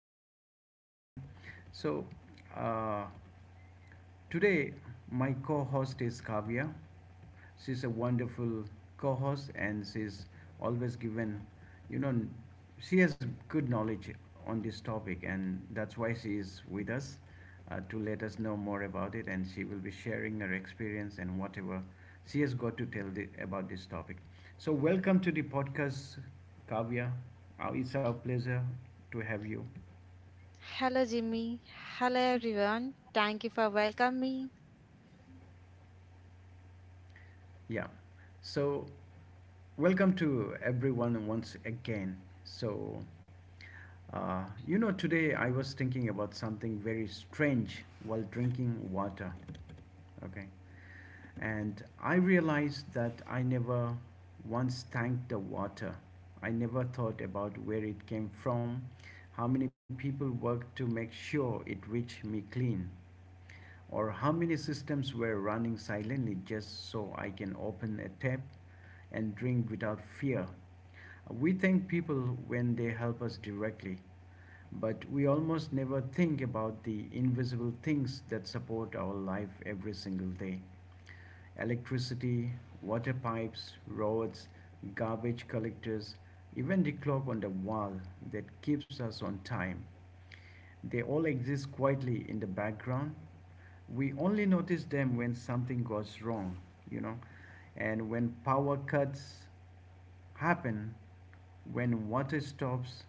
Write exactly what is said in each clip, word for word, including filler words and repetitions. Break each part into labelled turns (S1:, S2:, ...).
S1: is gonna be interesting. So, uh, Today, my co host is Kavya. She's a wonderful co host and she's always given, you know, she has good knowledge on this topic, and that's why she is with us uh, to let us know more about it. And she will be sharing her experience and whatever she has got to tell the, about this topic. So, welcome to the podcast, Kavya. Uh, It's our pleasure to have you.
S2: Hello, Jimmy. Hello, everyone. Thank you for welcoming
S1: Yeah. So, Welcome to everyone once again. So, uh, you know, today I was thinking about something very strange while drinking water. Okay. And I realized that I never once thanked the water. I never thought about where it came from, how many people worked to make sure it reached me clean, or how many systems were running silently just so I can open a tap and drink without fear. We thank people when they help us directly, but we almost never think about the invisible things that support our life every single day: electricity, water pipes, roads, garbage collectors, even the clock on the wall that keeps us on time. They all exist quietly in the background. We only notice them when something goes wrong, you know, and when power cuts happen, when water stops,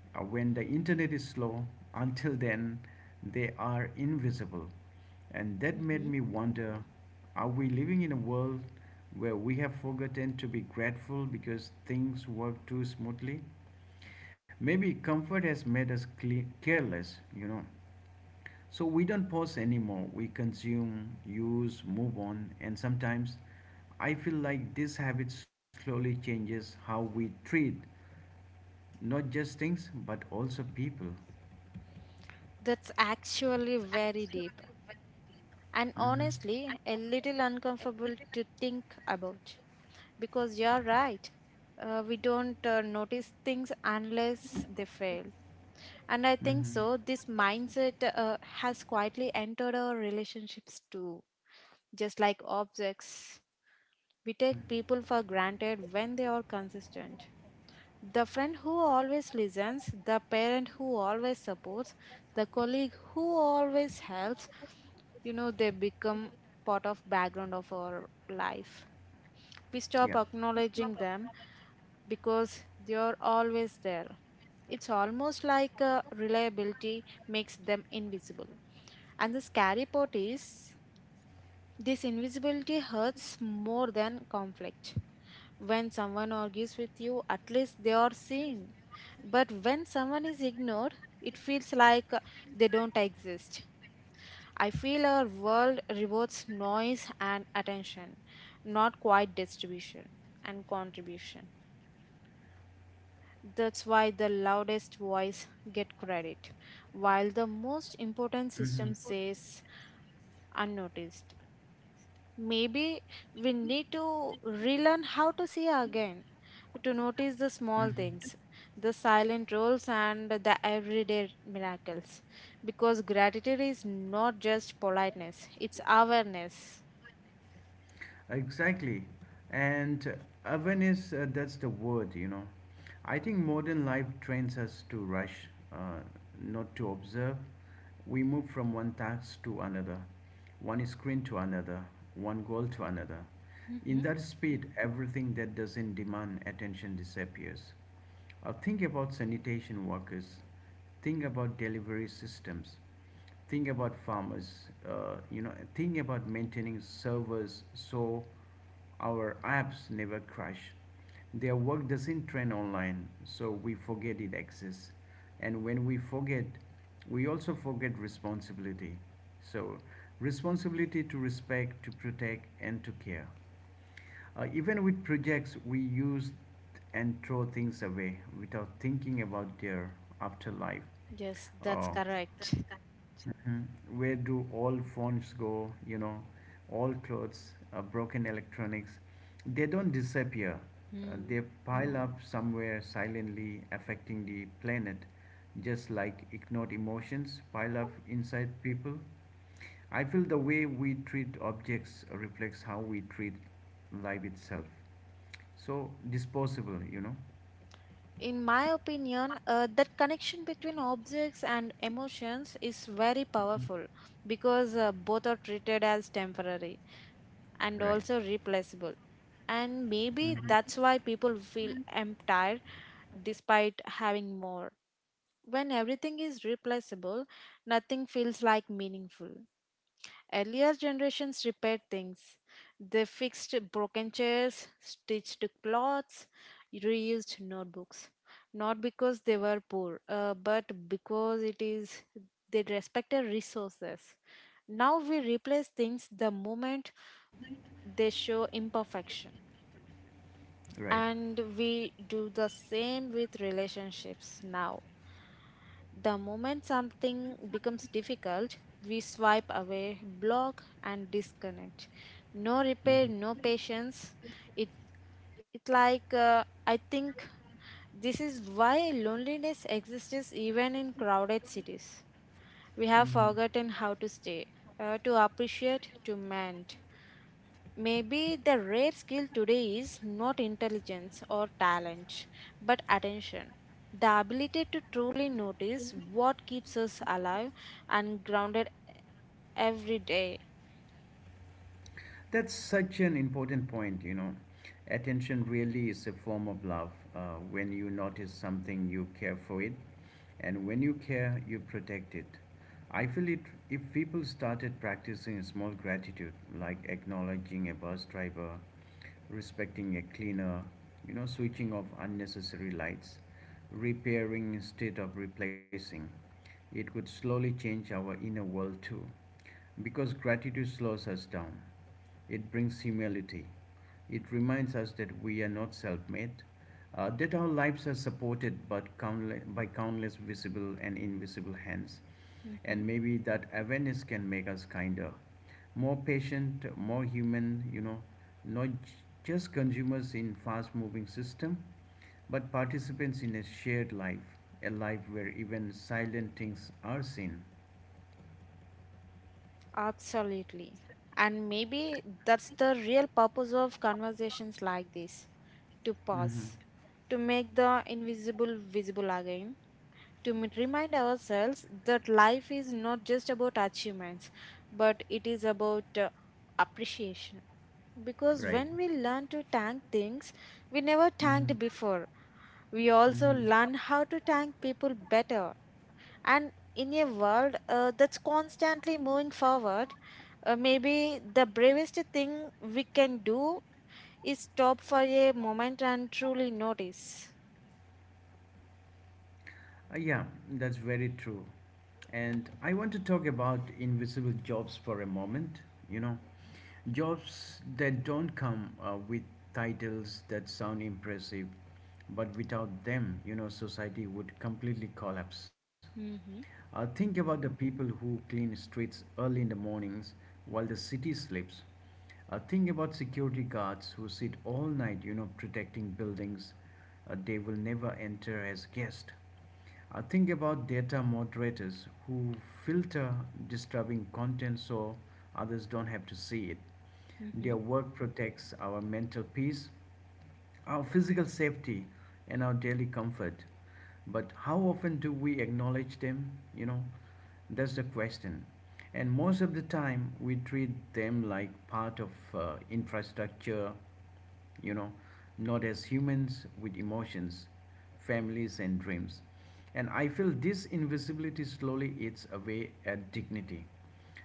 S1: uh, when the internet is slow. Until then, they are invisible. And
S2: me.
S1: that made
S2: Mhm.
S1: me wonder, are we living in a world where we have forgotten to be grateful because things work too smoothly? Maybe comfort has made us careless, you know. So we don't pause anymore. We consume, use, move on, and sometimes I feel like this habit slowly changes how we treat not just things but also people.
S2: That's actually very deep and
S1: hmm
S2: honestly a little uncomfortable to think about because you're right. Uh, we don't uh, notice things unless they fail. And I think
S1: Mm-hmm.
S2: so, this mindset uh, has quietly entered our relationships too, just like objects. We take people for granted when they are consistent. The friend who always listens, the parent who always supports, the colleague who always helps, you know, they become part of background of our life. We stop
S1: Yeah.
S2: acknowledging them because they are always there. It's almost like uh, reliability makes them invisible. And the scary part is this invisibility hurts more than conflict. When someone argues with you, at least they are seen. But when someone is ignored, it feels like uh, they don't exist. I feel our world rewards noise and attention, not quiet distribution and contribution. That's why the loudest voice get credit, while the most important system
S1: Mm-hmm.
S2: says unnoticed. Maybe we need to relearn how to see again, to notice the small
S1: Mm-hmm.
S2: things, the silent roles, and the everyday miracles. Because gratitude is not just politeness, it's awareness.
S1: Exactly. And uh, awareness, uh, that's the word, you know. I think modern life trains us to rush, uh, not to observe. We move from one task to another, one screen to another, one goal to another. In
S2: Hmm.
S1: that speed, everything that doesn't demand attention disappears. Uh, think about sanitation workers. Think about delivery systems. Think about farmers, uh, you know, think about maintaining servers so our apps never crash. Their work doesn't trend online, so we forget it exists. And when we forget, we also forget responsibility. So, responsibility to respect, to protect, and to care. Uh, even with projects, we use and throw things away without thinking about their afterlife.
S2: Yes, that's
S1: Uh,
S2: correct.
S1: Mhm. Where do all phones go? You know, all clothes, uh, broken electronics. They don't disappear. Uh,
S2: Hmm.
S1: they pile up somewhere silently, affecting the planet, just like ignored emotions pile up inside people. I feel the way we treat objects reflects how we treat life itself. So disposable, you know.
S2: In my opinion, uh, that connection between objects and emotions is very powerful because uh, both are treated as temporary and
S1: Right,
S2: also replaceable. And maybe that's why people feel emptied despite having more. When everything is replaceable, nothing feels like meaningful. Earlier generations repaired things. They fixed broken chairs, stitched clothes, reused notebooks. Not because they were poor, uh, but because it is they respected resources. Now we replace things the moment they show imperfection.
S1: right.
S2: And we do the same with relationships now. The moment something becomes difficult, we swipe away, block, and disconnect. No repair, no
S1: Mm-hmm.
S2: patience. It it like uh, I think this is why loneliness exists even in crowded cities. We have
S1: Mm-hmm.
S2: forgotten how to stay, uh, to appreciate, to mend. Maybe the rare skill today is not intelligence or talent, but attention. The ability to truly notice what keeps us alive and grounded every day.
S1: That's such an important point, you know. Attention really is a form of love. Uh, when you notice something, you care for it, and when you care, you protect it. I feel it if people started practicing small gratitude, like acknowledging a bus driver, respecting a cleaner, you know, switching off unnecessary lights, repairing instead of replacing, it could slowly change our inner world too. Because gratitude slows us down. It brings humility. It reminds us that we are not self made, uh, that our lives are supported but countless, by countless visible and invisible hands.
S2: Mhm.
S1: And maybe that awareness can make us kinder, more patient, more human, you know, not j- just consumers in fast moving system, but participants in a shared life, a life where even silent things are seen.
S2: Absolutely. And maybe that's the real purpose of conversations like this, to
S1: hmm
S2: pause, to make the invisible visible again, to m- remind ourselves that life is not just about achievements, but it is about uh, appreciation. Because
S1: Right.
S2: when we learn to thank things we never thanked
S1: Mm-hmm.
S2: before, we also
S1: Mhm.
S2: learn how to thank people better. And in a world uh, that's constantly moving forward, uh, maybe the bravest thing we can do is stop for a moment and truly notice.
S1: Uh, yeah, that's very true. And I want to talk about invisible jobs for a moment. You know, jobs that don't come uh, with titles that sound impressive, but without them, you know, society would completely collapse.
S2: Mm-hmm,
S1: Uh, think about the people who clean streets early in the mornings while the city sleeps. Uh, think about security guards who sit all night, you know, protecting buildings uh, they will never enter as guests. Uh, think about data moderators who filter disturbing content so others don't have to see it.
S2: mm-hmm,
S1: Their work protects our mental peace, our physical safety, and our daily comfort. But how often do we acknowledge them? You know, that's the question. And most of the time, we treat them like part of uh, infrastructure, you know, not as humans with emotions, families, and dreams. And I feel this invisibility slowly eats away at dignity.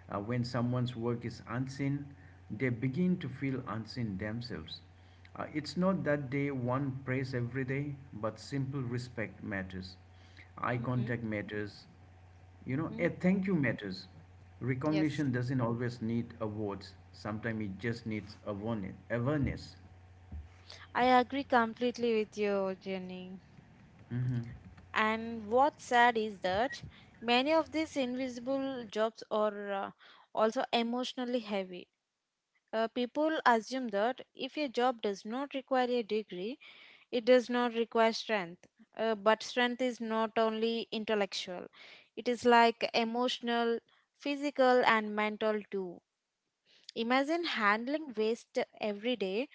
S1: Uh, when someone's work is unseen, they begin to feel unseen themselves. Uh, it's not that they want praise every day, but simple respect matters. Eye
S2: mm-hmm,
S1: contact matters. You know, a
S2: mm.
S1: thank you matters.
S2: Yes.
S1: Recognition doesn't always need awards; sometimes it just needs awareness. awareness.
S2: I agree completely with you, Jenny. And what's sad is that many of these invisible jobs are uh, also emotionally heavy. Uh, people assume that if a job does not require a degree, it does not require strength. Uh, but strength is not only intellectual, it is like emotional, physical, and mental too. Imagine handling waste every day,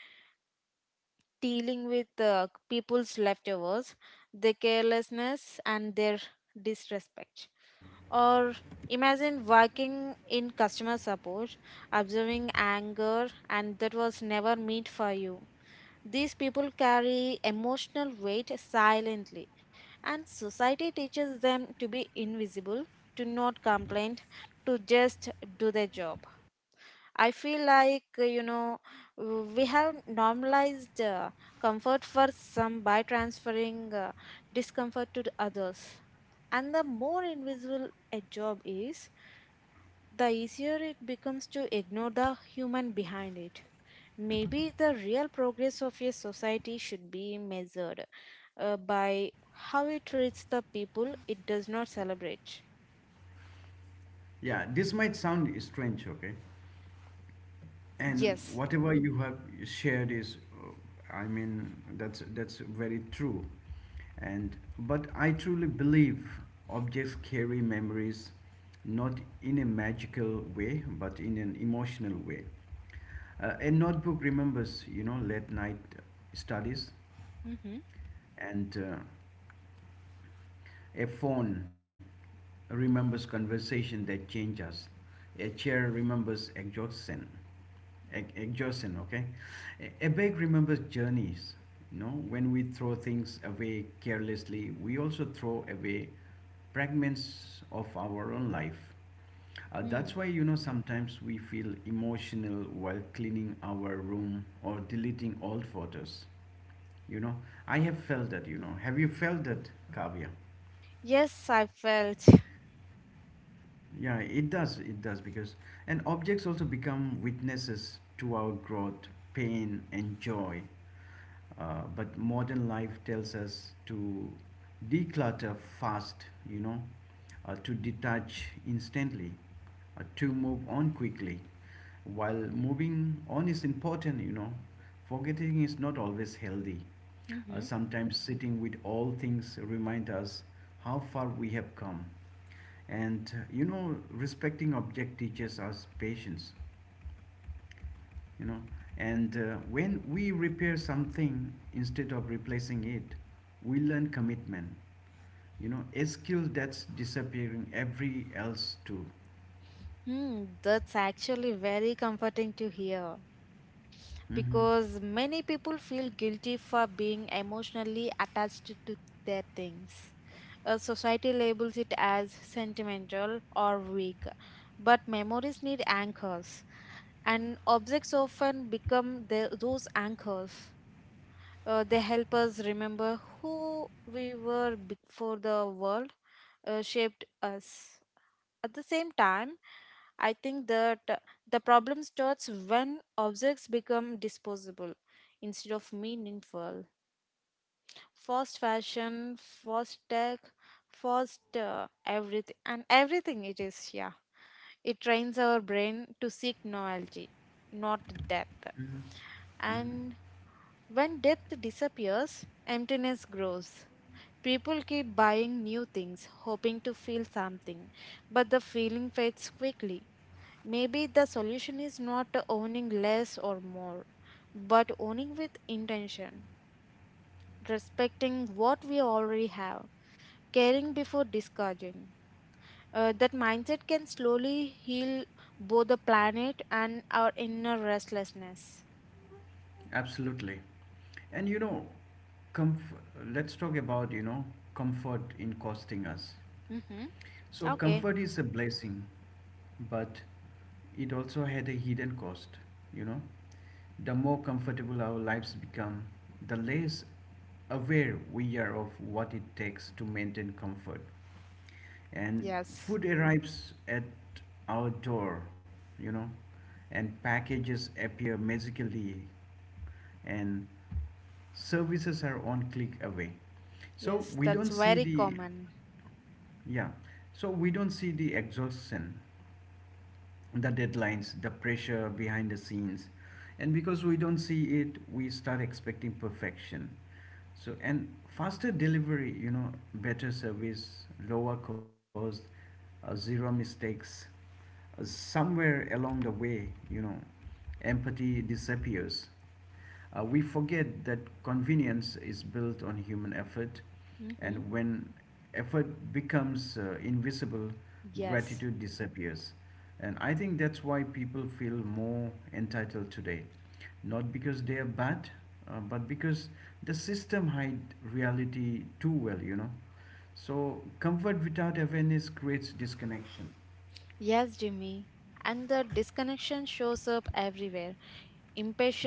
S2: dealing with uh, people's leftovers, their carelessness, and their disrespect. Or imagine working in customer support, observing anger, and that was never meant for you. These people carry emotional weight silently, and society teaches them to be invisible, to not complain, to just do their job. I feel like, uh, you know, uh, we have normalized uh, comfort for some by transferring uh, discomfort to the others. And the more invisible a job is, the easier it becomes to ignore the human behind it. Maybe the real progress of a society should be measured uh, by how it treats the people it does not celebrate.
S1: Yeah, this might sound strange, okay? And
S2: Yes.
S1: whatever you have shared is, uh, I mean, that's that's very true. And but I truly believe objects carry memories, not in a magical way, but in an emotional way. Uh, a notebook remembers, you know, late night studies,
S2: Mm-hmm.
S1: and uh, a phone remembers conversation that change us. A chair remembers exhaustion. Ex- exhaustion okay. A, a bag remembers journeys. You know, when we throw things away carelessly, we also throw away fragments of our own life. Uh, that's why, you know sometimes we feel emotional while cleaning our room or deleting old photos you know I have felt that you know Have you felt that, Kavya?
S2: Yes, I felt.
S1: Yeah, it does it does because, and objects also become witnesses to our growth, pain, and joy. Uh, but modern life tells us to declutter fast, you know, uh, to detach instantly, uh, to move on quickly. While moving on is important, you know, forgetting is not always healthy. Uh,
S2: Mhm.
S1: sometimes sitting with all things remind us how far we have come. And uh, you know, respecting object teaches us patience you know and uh, when we repair something instead of replacing it, we learn commitment you know a skill that's disappearing every else too.
S2: Hmm, that's actually very comforting to hear
S1: Hmm
S2: because many people feel guilty for being emotionally attached to their things. Uh, society labels it as sentimental or weak, but memories need anchors, and objects often become the, those anchors. Uh, they help us remember who we were before the world uh, shaped us. At the same time, I think that uh, the problem starts when objects become disposable instead of meaningful. Fast fashion, fast tech, fast uh, everything, and everything it is, yeah. It trains our brain to seek novelty, not depth. And when depth disappears, emptiness grows. People keep buying new things, hoping to feel something, but the feeling fades quickly. Maybe the solution is not owning less or more, but owning with intention, respecting what we already have, caring before discarding. Uh, that mindset can slowly heal both the planet and our inner restlessness.
S1: Absolutely. And you know comf- let's talk about, you know comfort in costing us.
S2: Mm-hmm.
S1: So,
S2: Okay.
S1: comfort is a blessing, but it also had a hidden cost. You know, the more comfortable our lives become, the less aware we are of what it takes to maintain comfort. And
S2: Yes.
S1: food arrives at our door, you know, and packages appear magically, and services are on click away. So
S2: Yes,
S1: we
S2: that's
S1: don't see
S2: very
S1: the
S2: common.
S1: Yeah. So we don't see the exhaustion, the deadlines, the pressure behind the scenes. And because we don't see it, we start expecting perfection. So, and faster delivery, you know, better service, lower cost, uh, zero mistakes. Uh, somewhere along the way, you know, empathy disappears. Uh, we forget that convenience is built on human effort,
S2: Mm-hmm.
S1: and when effort becomes uh, invisible,
S2: Yes.
S1: gratitude disappears. And I think that's why people feel more entitled today, not because they are bad, uh, but because the system hide reality too well, you know. So comfort without awareness creates disconnection.
S2: Yes, Jimmy. And the disconnection shows up everywhere: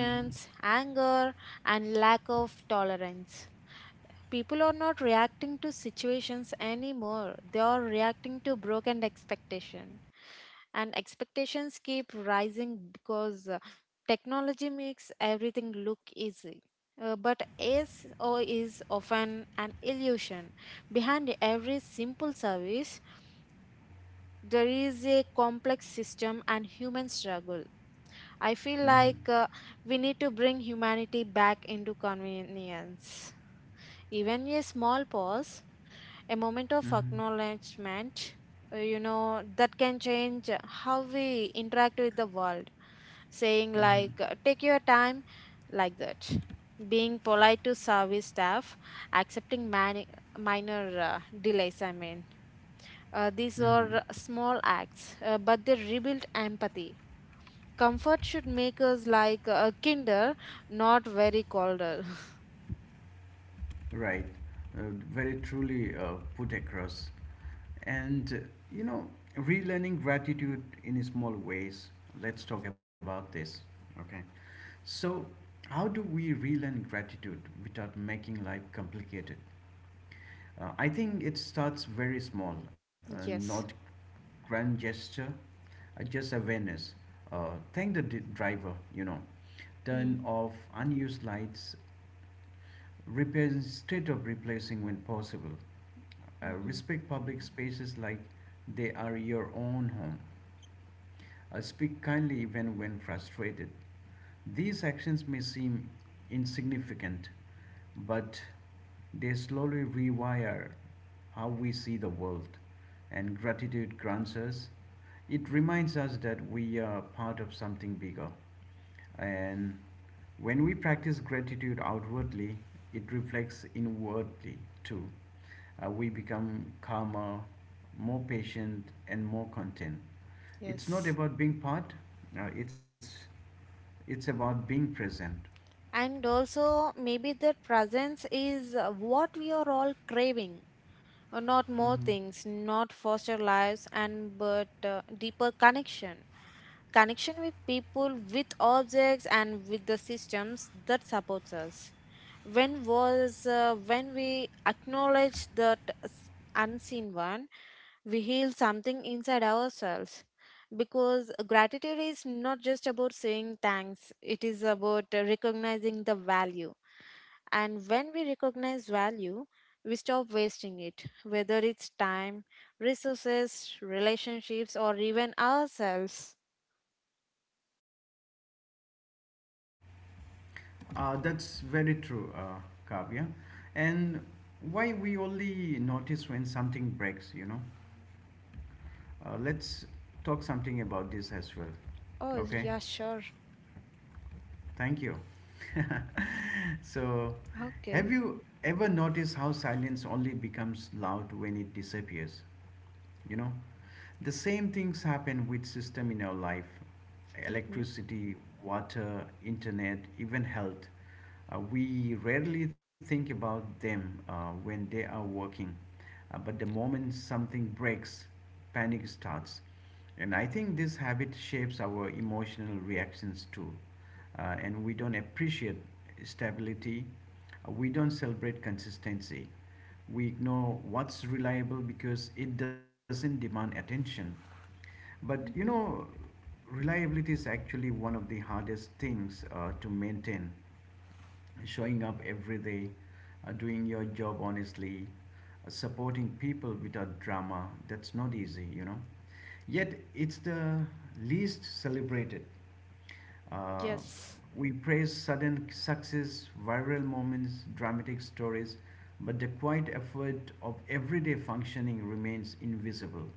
S1: Mm-hmm.
S2: anger, and lack of tolerance. People are not reacting to situations anymore, they are reacting to broken expectation. And expectations keep rising because uh, technology makes everything look easy. Uh, but is or is often an illusion. Behind every simple service, there is a complex system and human struggle. I feel
S1: Mm-hmm.
S2: like uh, we need to bring humanity back into convenience. Even a small pause, a moment of
S1: Mm-hmm.
S2: acknowledgement, uh, you know, that can change how we interact with the world. Saying,
S1: Mm-hmm.
S2: like, uh, take your time, like that. Being polite to service staff, accepting mani- minor uh, delays, I mean uh, these
S1: Mm-hmm.
S2: are small acts, uh, but they rebuild empathy. Comfort should make us like uh, kinder, not very colder.
S1: Right. Uh, very truly uh, put across. And, uh, you know, relearning gratitude in small ways. Let's talk about this. Okay. So, how do we relearn gratitude without making life complicated? Uh, I think it starts very small, uh, not
S2: Yes.
S1: grand gesture, uh, just awareness. Uh, thank the d- driver, you know, turn off unused lights, repair instead of replacing when possible. Uh,
S2: Mm-hmm.
S1: respect public spaces like they are your own home. Uh, speak kindly even when frustrated. These actions may seem insignificant, but they slowly rewire how we see the world. And gratitude grants us, it reminds us that we are part of something bigger. And when we practice gratitude outwardly, it reflects inwardly too, uh, we become calmer, more patient, and more content. It's not
S2: Yes.
S1: about being part, uh, it's, it's about being present.
S2: And also, maybe that presence is uh, what we are all craving. Uh, Not more
S1: Mm-hmm.
S2: things, not faster lives, and but uh, deeper connection. Connection with people, with objects, and with the systems that supports us. When was uh, when we acknowledge that s- unseen one, we heal something inside ourselves. Because gratitude is not just about saying thanks; it is about uh, recognizing the value. And when we recognize value, we stop wasting it, whether it's time, resources, relationships, or even ourselves.
S1: Uh, that's very true, uh, Kavya. And why we only notice when something breaks, you know? Uh, let's talk something about this as well.
S2: Oh,
S1: Okay?
S2: yeah, sure.
S1: Thank you. so,
S2: Okay.
S1: have you ever noticed how silence only becomes loud when it disappears? You know, The same things happen with system in our life.
S2: Mm-hmm.
S1: Electricity, water, internet, even health. Uh, we rarely think about them uh, when they are working, uh, but the moment something breaks, panic starts. And I think this habit shapes our emotional reactions too. Uh, and we don't appreciate stability. Uh, we don't celebrate consistency, we ignore what's reliable because it doesn't demand attention. But you
S2: Mm-hmm.
S1: know, reliability is actually one of the hardest things uh, to maintain: showing up every day, uh, doing your job honestly, uh, supporting people without drama. That's not easy, you know. Yet it's the least celebrated. Uh,
S2: Yes.
S1: we praise sudden success, viral moments, dramatic stories, but the quiet effort of everyday functioning remains invisible.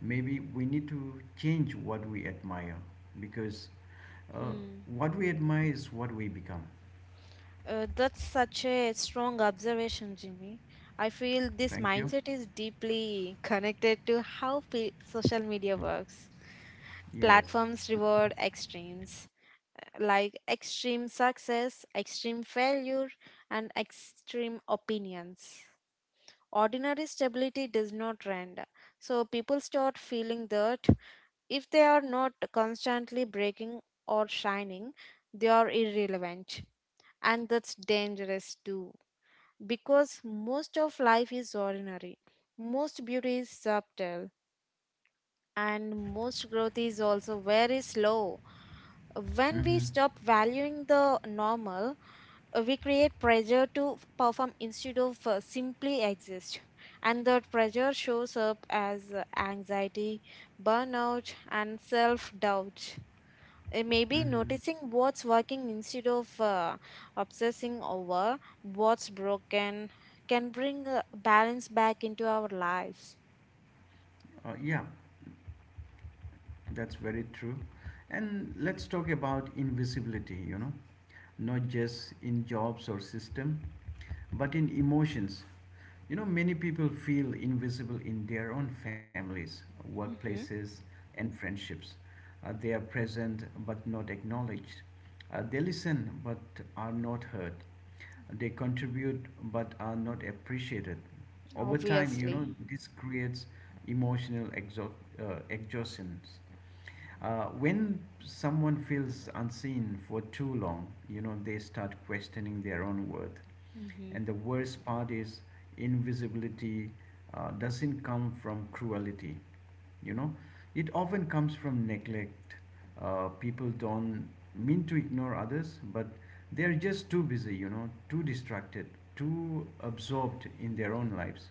S1: Maybe we need to change what we admire because uh,
S2: Hmm.
S1: what we admire is what we become.
S2: Uh, that's such a strong observation, Jimmy. I feel this
S1: Thank you.
S2: mindset is deeply connected to how pe- social media works.
S1: Yes.
S2: Platforms reward extremes, like extreme success, extreme failure, and extreme opinions. Ordinary stability does not trend, so people start feeling that if they are not constantly breaking or shining, they are irrelevant. And that's dangerous too, because most of life is ordinary, most beauty is subtle, and most growth is also very slow. When we
S1: Mm-hmm.
S2: stop valuing the normal, uh, we create pressure to f- perform instead of uh, simply exist. And that pressure shows up as uh, anxiety, burnout, and self doubt. Uh, maybe
S1: Mm-hmm.
S2: noticing what's working instead of uh, obsessing over what's broken can bring uh, balance back into our lives.
S1: Uh, yeah, that's very true. And let's talk about invisibility, you know, not just in jobs or system, but in emotions. You know, many people feel invisible in their own families,
S2: Mm-hmm.
S1: workplaces, and friendships. Uh, they are present but not acknowledged. Uh, they listen but are not heard. They contribute but are not appreciated. Over time, you know,
S2: Obviously.
S1: this creates emotional exo- uh, exhaustion. Uh, when someone feels unseen for too long, you know, they start questioning their own worth.
S2: Mm-hmm.
S1: And the worst part is invisibility uh, doesn't come from cruelty, you know, it often comes from neglect. Uh, people don't mean to ignore others, but they're just too busy, you know, too distracted, too absorbed in their own lives.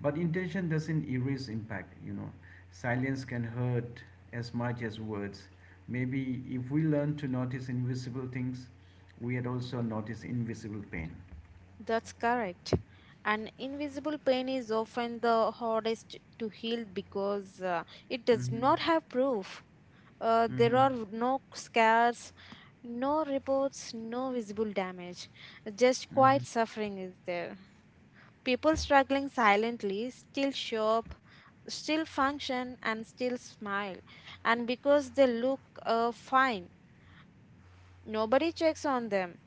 S1: But intention doesn't erase impact, you know. Silence can hurt as much as words. Maybe if we learn to notice invisible things, we had also notice invisible pain.
S2: That's correct. And invisible pain is often the hardest to heal because uh, it does
S1: Mhm.
S2: not have proof. Uh, there
S1: Mhm.
S2: are no scars, no reports, no visible damage. Just quiet
S1: Mhm.
S2: suffering is there. People struggling silently still show up, still function, and still smile. And because they look uh, fine, nobody checks on them.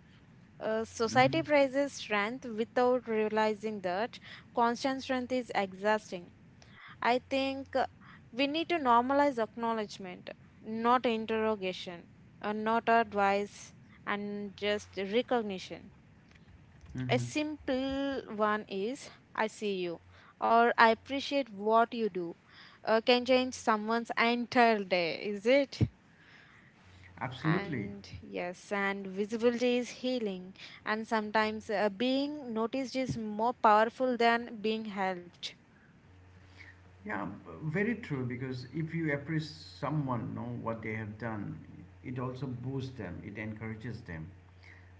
S2: Uh,
S1: Mhm.
S2: society praises strength without realizing that constant strength is exhausting. I think uh, we need to normalize acknowledgement, not interrogation, uh, not advice, and just recognition.
S1: Mhm.
S2: A simple one is I see you or I appreciate what you do uh, can change someone's entire day, is it?
S1: Absolutely.
S2: And yes, and visibility is healing, and sometimes uh, being noticed is more powerful than being helped.
S1: Yeah, b- very true. Because if you appreciate someone, know what they have done, it also boosts them. It encourages them.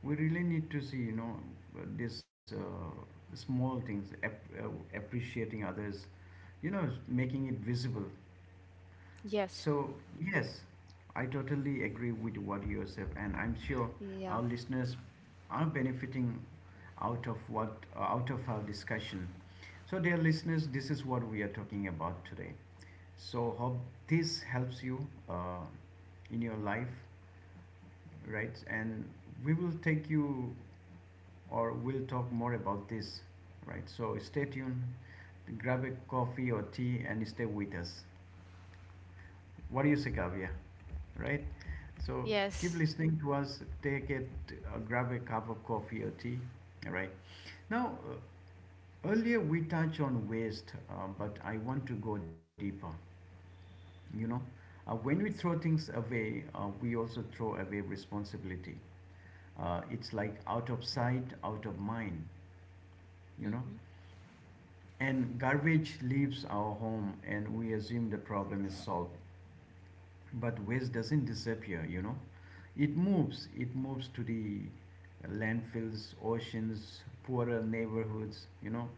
S1: We really need to see, you know, uh, this uh, small things, ap- uh, appreciating others, you know, making it visible.
S2: Yes,
S1: So, yes, I totally agree with what you said, and I'm sure
S2: yeah,
S1: our listeners are benefiting out of what uh, out of our discussion. So, dear listeners, this is what we are talking about today. So, hope this helps you uh, in your life, right? And we will take you or we'll talk more about this, right? So, stay tuned, grab a coffee or tea, and stay with us. What do you say, Kavya? Right? So keep
S2: yes.
S1: listening to us. Take it, uh, grab a cup of coffee or tea. All right. Now, uh, earlier we touched on waste, uh, but I want to go deeper. You know, uh, when we throw things away, uh, we also throw away responsibility. Uh, it's like out of sight, out of mind. You know,
S2: Mhm.
S1: and garbage leaves our home, and we assume the problem is solved. But waste doesn't disappear, you know. It moves. It moves to the landfills, oceans, poorer neighborhoods, you know.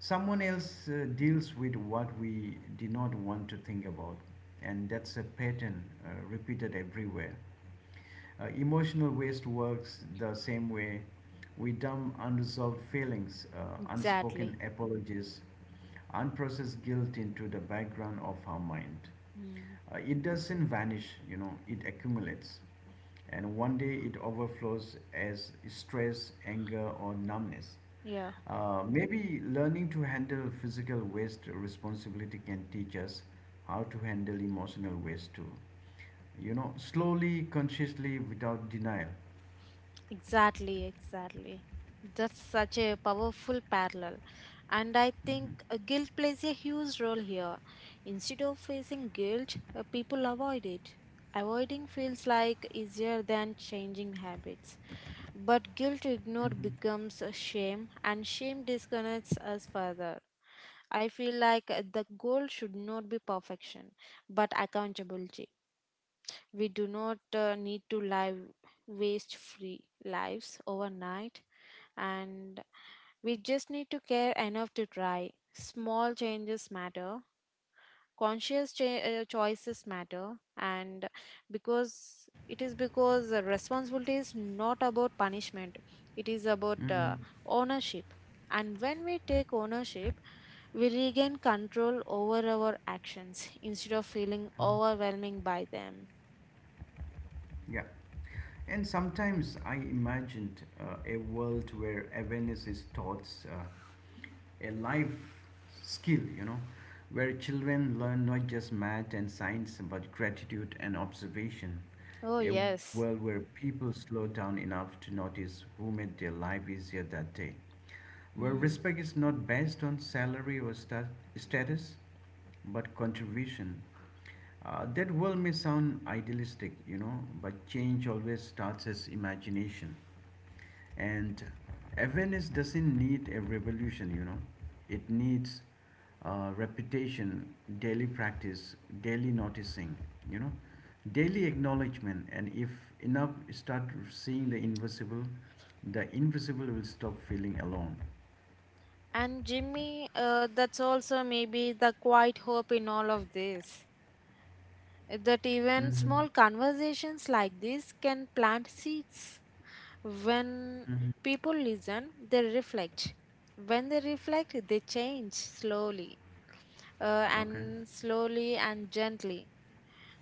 S1: Someone
S2: Mm.
S1: else uh, deals with what we did not want to think about. And that's a pattern uh, repeated everywhere. Uh, emotional waste works the same way. We dump unresolved feelings, uh, unspoken
S2: Exactly.
S1: apologies, unprocessed guilt into the background of our mind.
S2: Mm.
S1: Uh, it doesn't vanish, you know, it accumulates. And one day it overflows as stress, anger, or numbness.
S2: Yeah.
S1: Uh, maybe learning to handle physical waste responsibility can teach us how to handle emotional waste too. You know, slowly, consciously, without denial.
S2: Exactly, exactly. That's such a powerful parallel. And I think uh, guilt plays a huge role here. Instead of facing guilt, uh, people avoid it. Avoiding feels like easier than changing habits. But guilt ignored
S1: Mm-hmm.
S2: becomes a shame, and shame disconnects us further. I feel like uh, the goal should not be perfection, but accountability. We do not uh, need to live waste free lives overnight, and we just need to care enough to try. Small changes matter, conscious cha- uh, choices matter, and because it is because the responsibility is not about punishment, it is about uh, ownership. And when we take ownership, we regain control over our actions instead of feeling
S1: Mm-hmm.
S2: overwhelming by them.
S1: Yeah. And sometimes I imagined uh, a world where awareness is taught uh, a life skill, you know, where children learn not just math and science but gratitude and observation.
S2: Oh,
S1: A world
S2: yes.
S1: where people slow down enough to notice who made their life easier that day. Where
S2: Hmm.
S1: respect is not based on salary or sta- status but contribution. Uh, that world may sound idealistic, you know, but change always starts as imagination. And awareness doesn't need a revolution, you know, it needs uh, repetition, daily practice, daily noticing, you know, daily acknowledgement. And if enough start seeing the invisible, the invisible will stop feeling alone.
S2: And Jimmy, uh, that's also maybe the quiet hope in all of this. eh, That even
S1: Mm-hmm.
S2: small conversations like this can plant seeds. When
S1: Mm-hmm.
S2: people listen, they reflect. When they reflect, they change slowly, uh,
S1: Okay.
S2: and slowly and gently.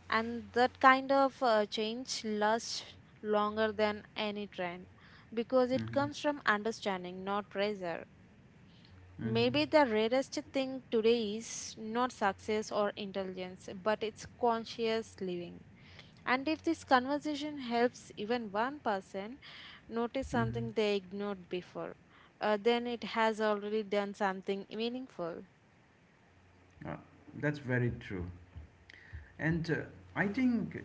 S2: And that kind of uh, change lasts longer than any trend because it
S1: Mm-hmm.
S2: comes from understanding, not pressure.
S1: Mm-hmm.
S2: Maybe the rarest thing today is not success or intelligence, but it's conscious living. And if this conversation helps even one person notice
S1: Mm-hmm.
S2: something they ignored before, uh, then it has already done something meaningful.
S1: Uh, that's very true. And uh, I think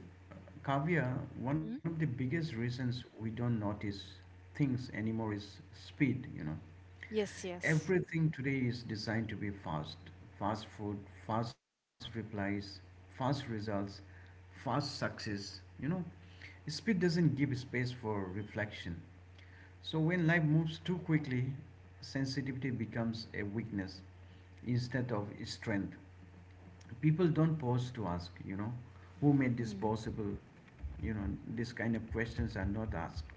S1: Kavya, one of the
S2: Mm?
S1: biggest reasons we don't notice things anymore is speed, you know.
S2: Yes, yes.
S1: Everything today is designed to be fast. Fast food, fast replies, fast results, fast success, you know. Speed doesn't give space for reflection. So when life moves too quickly, sensitivity becomes a weakness instead of strength people don't pause to ask, you know, who made this
S2: Mm.
S1: possible, you know, this kind of questions are not asked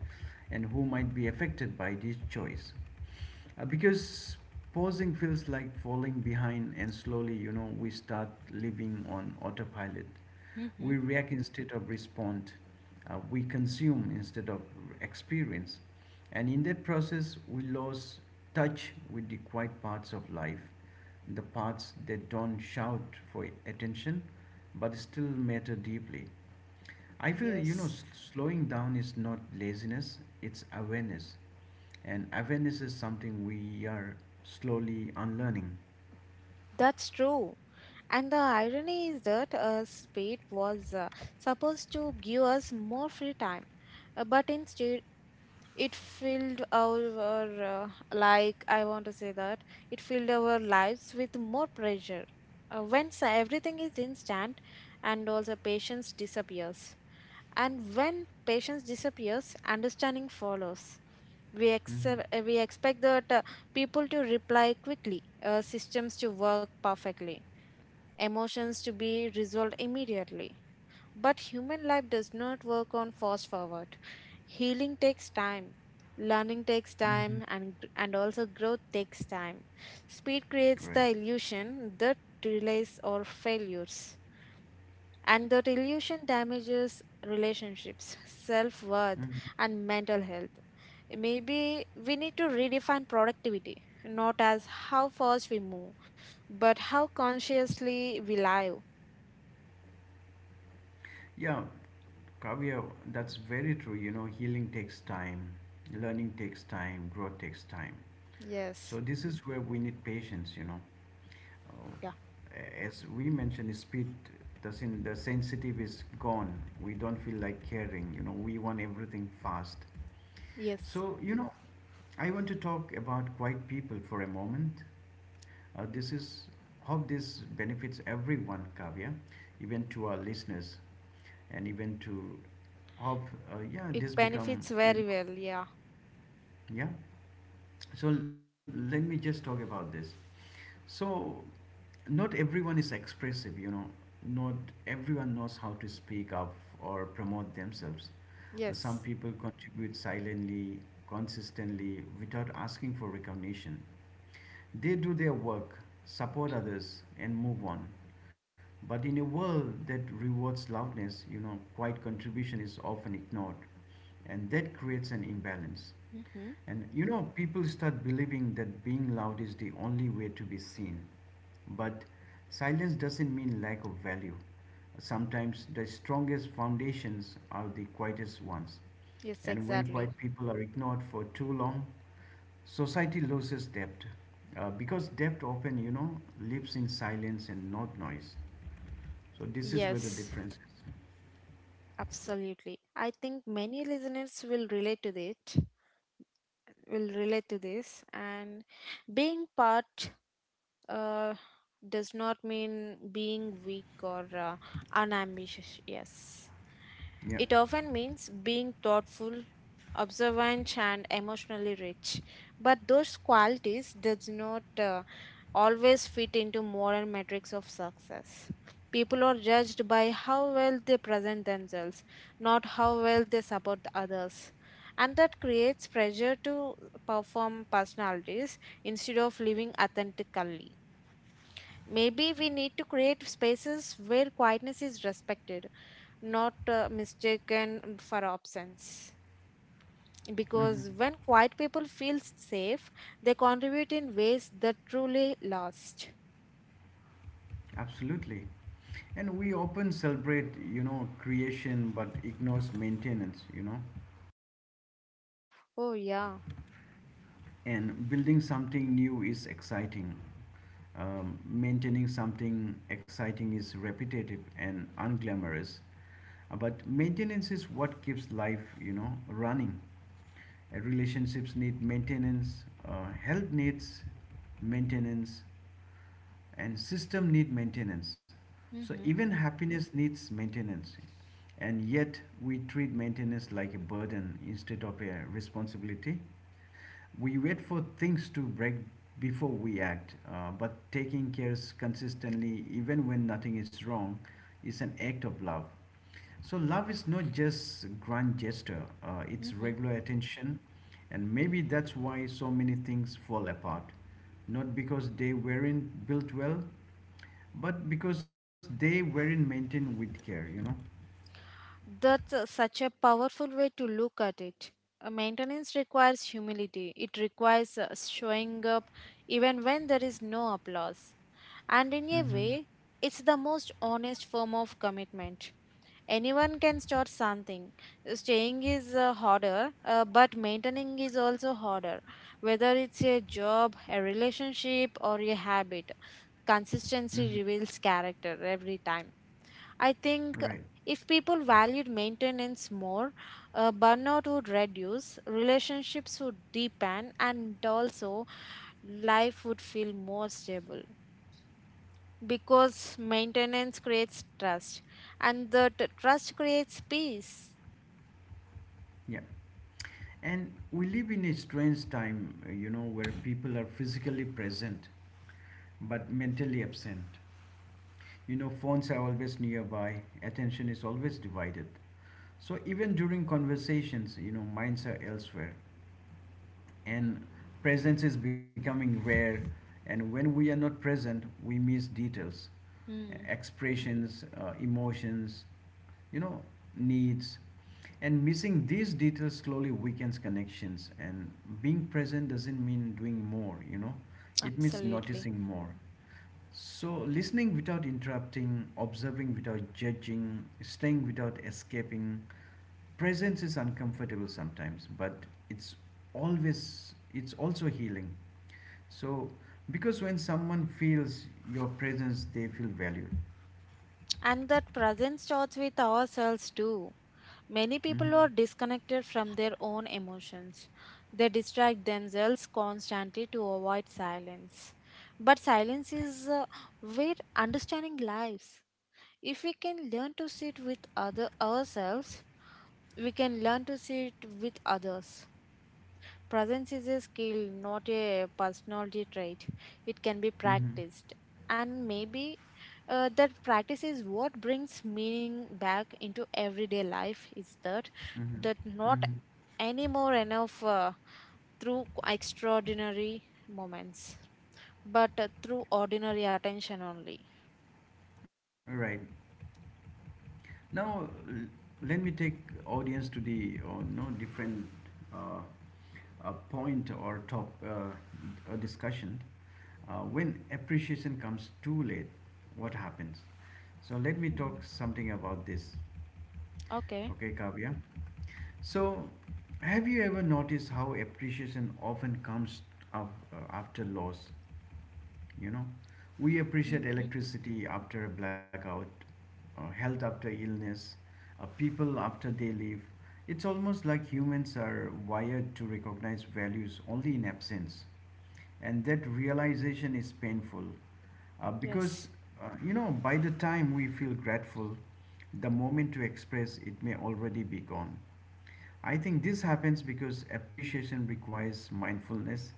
S1: and who might be affected by this choice. Uh, because pausing feels like falling behind and slowly, you know, we start living on autopilot.
S2: Mm-hmm.
S1: We react instead of respond, uh, we consume instead of experience and in that process we lose touch with the quiet parts of life, the parts that don't shout for attention but still matter deeply. I feel, you know,
S2: Yes.
S1: s- slowing down is not laziness, it's awareness. And awareness is something we are slowly unlearning.
S2: That's true. And the irony is that uh, speed was uh, supposed to give us more free time. Uh, but instead, it filled our uh, like I want to say that it filled our lives with more pressure uh, when sa- everything is instant, and also patience disappears. And when patience disappears, understanding follows. we
S1: Mm-hmm.
S2: accept, uh, we expect that uh, people to reply quickly, uh, systems to work perfectly, emotions to be resolved immediately. But human life does not work on fast forward. Healing takes time, learning takes
S1: Mm-hmm.
S2: time, and, and also growth takes time. Speed creates
S1: Right.
S2: the illusion that delays or failures. And that illusion damages relationships, self worth,
S1: Mm-hmm.
S2: and mental health. Maybe we need to redefine productivity, not as how fast we move, but how consciously we live.
S1: Yeah, Kavya, that's very true. You know, healing takes time, learning takes time, growth takes time. So
S2: Yes.
S1: this is where we need patience, you know.
S2: Yeah.
S1: Uh, as we mentioned, the speed doesn't the sensitive is gone. We don't feel like caring. You know, we want everything fast.
S2: Yes.
S1: So you know, I want to talk about quiet people for a moment. Uh, this is hope this benefits everyone, Kavya, even to our listeners, and even to hope uh, yeah
S2: It
S1: this become
S2: benefits
S1: you
S2: very
S1: know
S2: well. Yeah.
S1: yeah so let me just talk about this so not everyone is expressive, you know, not everyone knows how to speak up or promote themselves. Uh, some
S2: Yes.
S1: people contribute silently consistently without asking for recognition. They do their work, support others, and move on. But in a world that rewards loudness, you know, quiet contribution is often ignored, and that creates an imbalance.
S2: Mm-hmm.
S1: And you know, people start believing that being loud is the only way to be seen. But silence doesn't mean lack of value. Sometimes the strongest foundations are the quietest ones.
S2: Yes,
S1: And when
S2: exactly.
S1: quiet people are ignored for too long, society loses depth uh, because depth often, you know, lives in silence and not noise. So this is where the
S2: Yes.
S1: difference is.
S2: Absolutely. I think many listeners will relate to it. Will relate to this. And being part uh, does not mean being weak or uh, unambitious. Yes.
S1: Yeah,
S2: It often means being thoughtful, observant, and emotionally rich. But those qualities does not uh, always fit into modern metrics of success. People are judged by how well they present themselves, not how well they support others. And that creates pressure to perform personalities instead of living authentically. Maybe we need to create spaces where quietness is respected, not uh, mistaken for absence.
S1: hmm
S2: Because when quiet people feel safe, they contribute in ways that truly last.
S1: absolutely. And we often celebrate, you know, creation but ignores maintenance, you know.
S2: Oh, yeah.
S1: And building something new is exciting. Um, maintaining something exciting is repetitive and unglamorous. Uh, But maintenance is what keeps life, you know, running. Relationships need maintenance, uh, health needs maintenance and system need maintenance, so
S2: Mm-hmm.
S1: even happiness needs maintenance. And yet we treat maintenance like a burden instead of a responsibility. We wait for things to break before we act, uh, but taking cares consistently even when nothing is wrong is an act of love. So love is not just grand gesture, uh, it's
S2: Mm-hmm.
S1: regular attention, and maybe that's why so many things fall apart. Not because they weren't built well, but because they weren't maintained with care, you know?
S2: That's uh, such a powerful way to look at it. Uh, maintenance requires humility, it requires uh, showing up even when there is no applause. And in a way, it's the most honest form of commitment. Anyone can start something. Staying is uh, harder, uh, but maintaining is also harder. Whether it's a job, a relationship, or a habit,
S1: Mm-hmm.
S2: consistency reveals character every time. I think
S1: Right.
S2: if people valued maintenance more, uh, burnout would reduce, relationships would deepen, and also life would feel more stable, because maintenance creates trust and the t- trust creates peace.
S1: Yeah. And we live in a strange time, uh, you know, where people are physically present but mentally absent. You know, phones are always nearby, attention is always divided. So even during conversations, you know, minds are elsewhere and presence is becoming rare. And when we are not present, we miss details,
S2: Mm,
S1: expressions, uh, emotions, you know, needs. And missing these details slowly weakens connections. And being present doesn't mean doing more, you know, it means
S2: absolutely.
S1: noticing more. So, listening without interrupting, observing without judging, staying without escaping, presence is uncomfortable sometimes, but it's always it's also healing. So, because when someone feels your presence, they feel valued.
S2: And that presence starts with ourselves too. Many people
S1: Mm-hmm.
S2: are disconnected from their own emotions. They distract themselves constantly to avoid silence. But silence is uh, where understanding lies. If we can learn to sit with other ourselves, we can learn to sit with others. Presence is a skill, not a personality trait. It can be
S1: Mm-hmm.
S2: practiced. And maybe uh, that practice is what brings meaning back into everyday life, is that that
S1: Mm-hmm.
S2: not
S1: Mm-hmm.
S2: anymore enough uh, through extraordinary moments, but uh, through ordinary attention only.
S1: Right. Now, l- let me take audience to the or no different uh, a point or top uh, a discussion. Uh, when appreciation comes too late, what happens? So let me talk something about this.
S2: Okay.
S1: Okay, Kavya. So have you ever noticed how appreciation often comes up uh, after loss? You know, we appreciate
S2: Mm-hmm.
S1: electricity after a blackout, uh, health after illness, uh, people after they leave. It's almost like humans are wired to recognize values only in absence, and that realization is painful uh, because
S2: Yes.
S1: uh, you know by the time we feel grateful the moment to express it may already be gone. I think this happens because appreciation requires mindfulness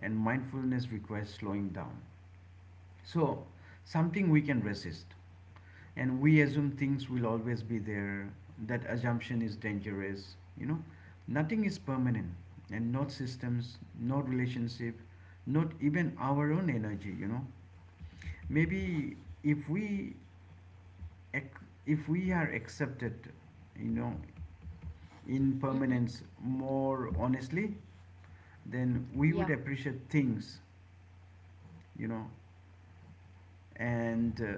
S1: and mindfulness requires slowing down. So, something we can resist, and we assume things will always be there. That assumption is dangerous. You know, nothing is permanent, and not systems, not relationship, not even our own energy. You know, maybe if we ac- if we are accepted, you know, in
S2: Mm-hmm.
S1: permanence more honestly, then we would
S2: Yeah.
S1: appreciate things. You know, and uh,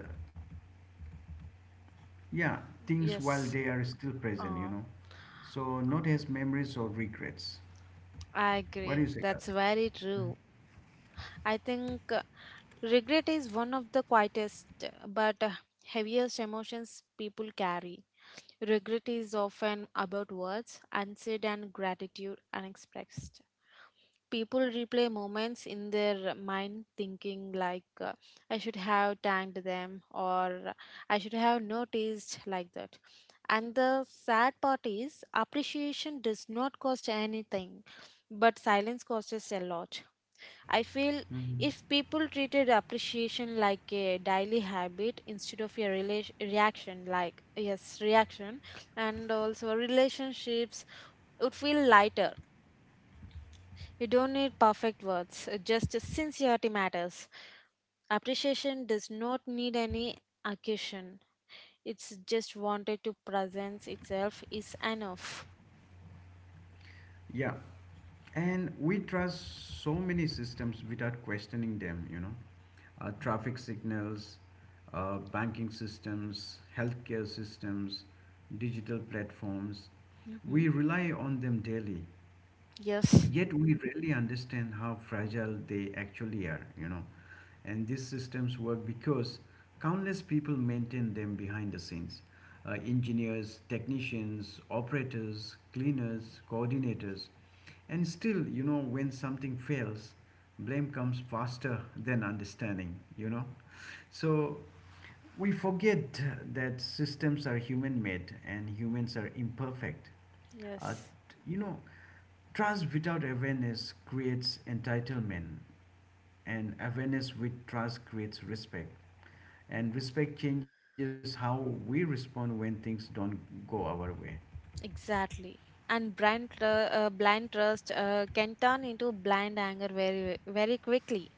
S1: Yeah, things while
S2: Yes.
S1: they are still present, you
S2: Uh,
S1: know. So not
S2: uh,
S1: as memories or regrets.
S2: I
S1: What do
S2: agree.
S1: you say,
S2: That's
S1: Karthik?
S2: very
S1: Mhm.
S2: true. I think. uh, Regret is one of the quietest uh, but uh, heaviest emotions people carry. Regret is often about words unsaid and gratitude unexpressed. People replay moments in their mind thinking like uh, I should have thanked them, or I should have noticed like that. And the sad part is appreciation does not cost anything, but silence costs a lot. I feel if people treated appreciation like a daily habit instead of a rela- reaction, like, yes, reaction, and also relationships would feel lighter. You don't need perfect words, uh, just sincerity matters. Appreciation does not need any occasion, it's just wanted to presence itself is enough.
S1: Yeah, and we trust so many systems without questioning them, you know. Uh, traffic signals, uh, banking systems, healthcare systems, digital platforms.
S2: Hmm.
S1: We rely on them daily.
S2: Yes,
S1: Yet we rarely understand how fragile they actually are, you know, and these systems work because countless people maintain them behind the scenes, uh, engineers, technicians, operators, cleaners, coordinators. And still, you know, when something fails, blame comes faster than understanding, you know. So we forget that systems are human made and humans are imperfect. uh,
S2: yes.
S1: t- you know, trust without awareness creates entitlement, and awareness with trust creates respect. And respect changes how we respond when things don't go our way.
S2: Exactly. And blind, tr- uh, blind trust uh, can turn into blind anger very, very quickly.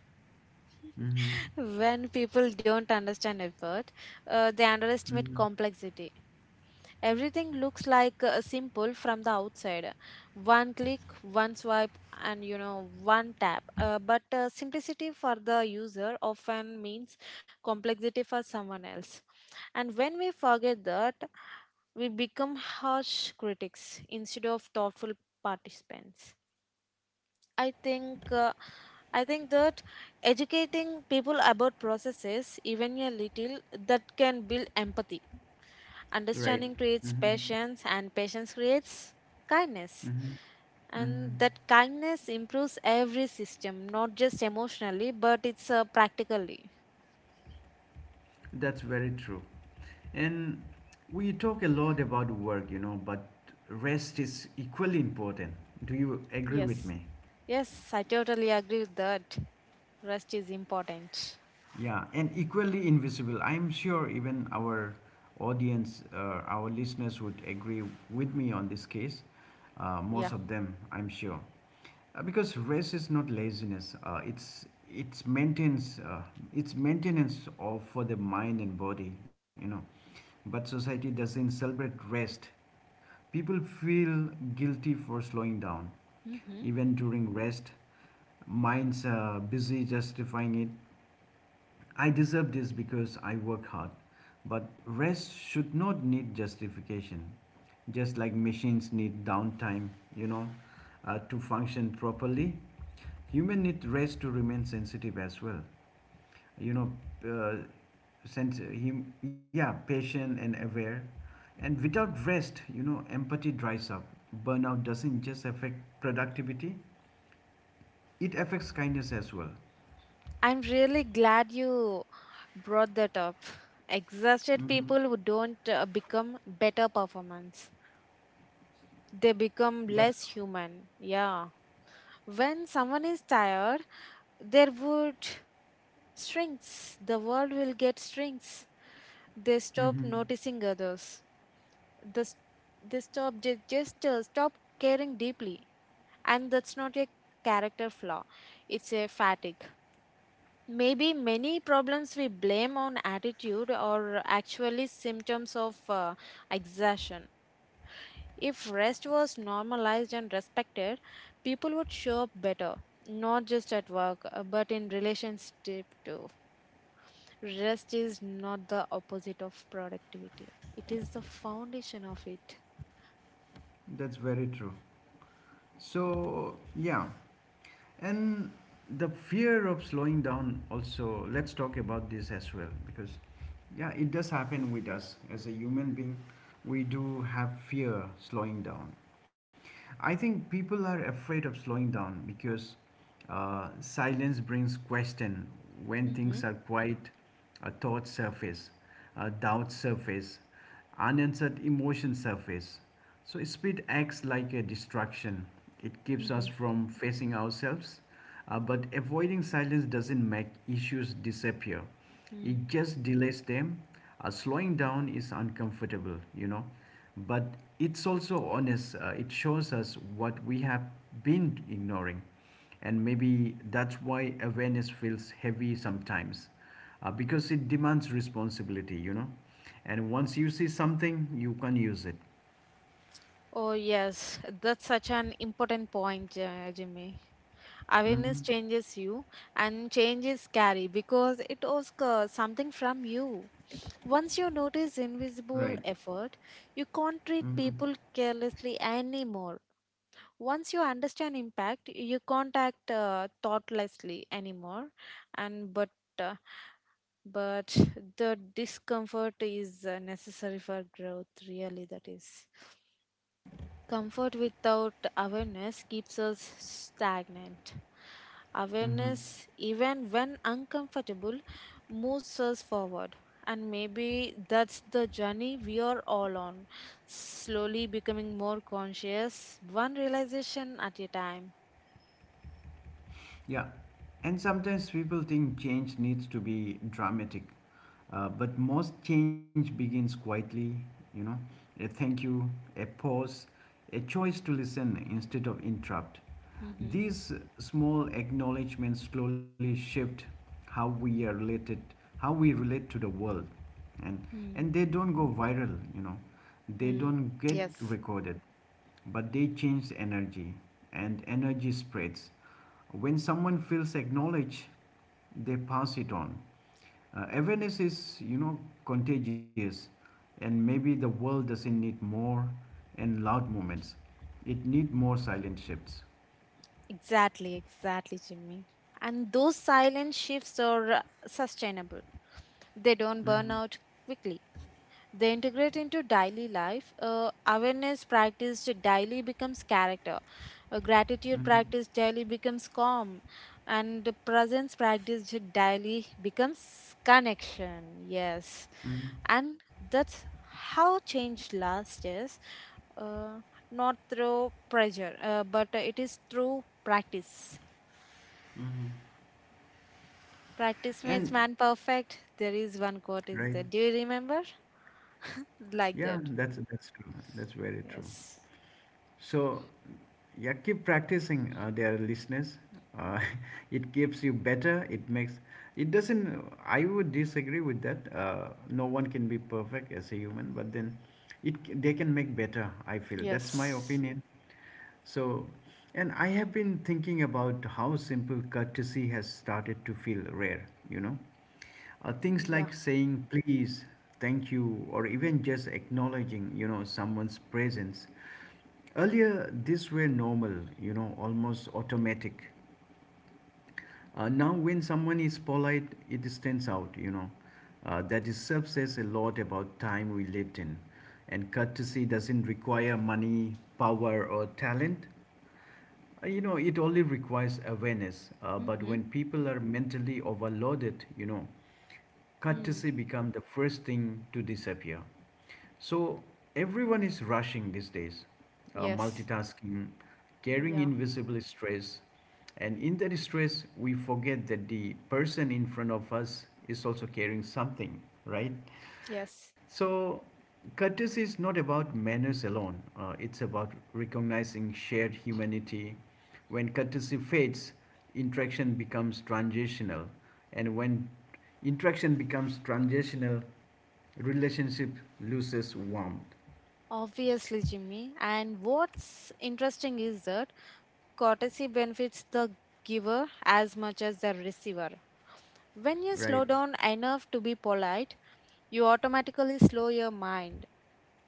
S2: When people don't understand effort, uh, they underestimate complexity. Everything looks like uh, simple from the outside. One click, one swipe, and you know, one tap. Uh, but uh, simplicity for the user often means complexity for someone else. And when we forget that, we become harsh critics instead of thoughtful participants. I think uh, I think that educating people about processes, even a little, that can build empathy.
S1: Right?
S2: Understanding creates
S1: Mm-hmm.
S2: patience, and patience creates kindness. And
S1: Mm-hmm.
S2: that kindness improves every system, not just emotionally, but it's uh, practically.
S1: That's very true. And we talk a lot about work, you know, but rest is equally important. Do you agree with
S2: Yes,
S1: me?
S2: yes, I totally agree with that. Rest is important.
S1: Yeah, and equally invisible. I'm sure even our audience, uh, our listeners would agree with me on this case. Uh, most
S2: Yeah.
S1: of them, I'm sure, uh, because race is not laziness. Uh, it's it's maintenance. Uh, it's maintenance of for the mind and body. You know, but society doesn't celebrate rest. People feel guilty for slowing down,
S2: Mhm.
S1: even during rest. Minds are busy justifying it. I deserve this because I work hard. But rest should not need justification. Just like machines need downtime, you know, uh, to function properly, human need rest to remain sensitive as well. You know, uh, Sense him, yeah, patient and aware. And without rest, you know, empathy dries up. Burnout doesn't just affect productivity; it affects kindness as well.
S2: I'm really glad you brought that up. Exhausted
S1: Hmm.
S2: people who don't uh, become better performance. They become
S1: That's.
S2: less human. Yeah. When someone is tired, their wood shrinks. The world will get shrinks. They stop
S1: Hmm.
S2: noticing others. The, s- they stop ju- just uh, stop caring deeply. And that's not a character flaw. It's a fatigue. Maybe many problems we blame on attitude are actually symptoms of uh, exhaustion. If rest was normalized and respected, people would show up better, not just at work, uh, but in relationship too. Rest is not the opposite of productivity, it is the foundation of it.
S1: That's very true. So, yeah, and the fear of slowing down also, let's talk about this as well because, yeah, it does happen with us as a human being. We do have fear slowing down. I think people are afraid of slowing down because uh, silence brings question. When
S2: Mm-hmm.
S1: things are quiet, uh, thoughts surface, uh, doubts surface, unanswered emotion surface. So, speed acts like a distraction. It keeps us
S2: Mm-hmm.
S1: from facing ourselves, uh, but avoiding silence doesn't make issues disappear. It just delays them. Uh, slowing down is uncomfortable, you know, but it's also honest. Uh, it shows us what we have been ignoring. And maybe that's why awareness feels heavy sometimes uh, because it demands responsibility, you know. And once you see something, you can use it.
S2: Oh, yes, that's such an important point, uh, Jimmy. Awareness
S1: Hmm.
S2: changes you, and change is scary because it asks uh, something from you. Once you notice invisible
S1: Right.
S2: effort, you can't treat people carelessly anymore. Once you understand impact, you can't act uh, thoughtlessly anymore. And but uh, but the discomfort is uh, necessary for growth. Really, that is. Comfort without awareness keeps us stagnant.
S1: Hmm.
S2: Awareness, even when uncomfortable, moves us forward. And maybe that's the journey we are all on, slowly becoming more conscious, one realization at a time.
S1: Yeah, and sometimes people think change needs to be dramatic, uh, but most change begins quietly, you know, a thank you, a pause, a choice to listen instead of interrupt.
S2: Mm-hmm.
S1: These small acknowledgments slowly shift how we are related, how we relate to the world, and and they don't go viral, you know, they
S2: Mm-hmm.
S1: don't get
S2: Yes,
S1: recorded, but they change energy, and energy spreads. When someone feels acknowledged, they pass it on. Uh, awareness is, you know, contagious, and maybe the world doesn't need more and loud moments. It need more silent shifts.
S2: exactly, exactly, Jimmy. And those silent shifts are uh, sustainable, they don't burn
S1: Mm-hmm.
S2: out quickly. They integrate into daily life. Uh, awareness practiced daily becomes character. Uh, gratitude
S1: Mm-hmm.
S2: practiced daily becomes calm. And the presence practiced daily becomes connection. Yes.
S1: Mm-hmm.
S2: And that's how change lasts, is uh, not through pressure, uh, but it is through practice.
S1: Mm-hmm.
S2: Practice makes
S1: And
S2: man perfect. There is one quote is
S1: right.
S2: there. Do you remember? Like
S1: Yeah,
S2: that.
S1: that's that's true. That's very true.
S2: Yes.
S1: So, yeah, keep practicing, uh, dear listeners. Uh, it keeps you better. It makes it doesn't. I would disagree with that. Uh, no one can be perfect as a human, but then it c- they can make better. I feel that's my
S2: Yes.
S1: opinion. So, and I have been thinking about how simple courtesy has started to feel rare. You know uh, things
S2: Yeah.
S1: like saying please thank you or even just acknowledging you know someone's presence earlier these were normal you know almost automatic. Uh, now, when someone is polite, it stands out, you know. Uh, that itself says a lot about time we lived in. And courtesy doesn't require money, power, or talent. Uh, You know, it only requires awareness. Uh, but
S2: Mm-hmm.
S1: when people are mentally overloaded, you know,
S2: Mm.
S1: courtesy becomes the first thing to disappear. So everyone is rushing these days, uh,
S2: Yes.
S1: multitasking, carrying
S2: Yeah.
S1: invisible stress, and in that stress, we forget that the person in front of us is also carrying something, right?
S2: Yes.
S1: So, courtesy is not about manners alone, uh, it's about recognizing shared humanity. When courtesy fades, interaction becomes transactional, and when interaction becomes transactional, relationship loses warmth,
S2: Obviously, Jimmy. And what's interesting is that courtesy benefits the giver as much as the receiver. When you
S1: right?
S2: slow down enough to be polite, you automatically slow your mind.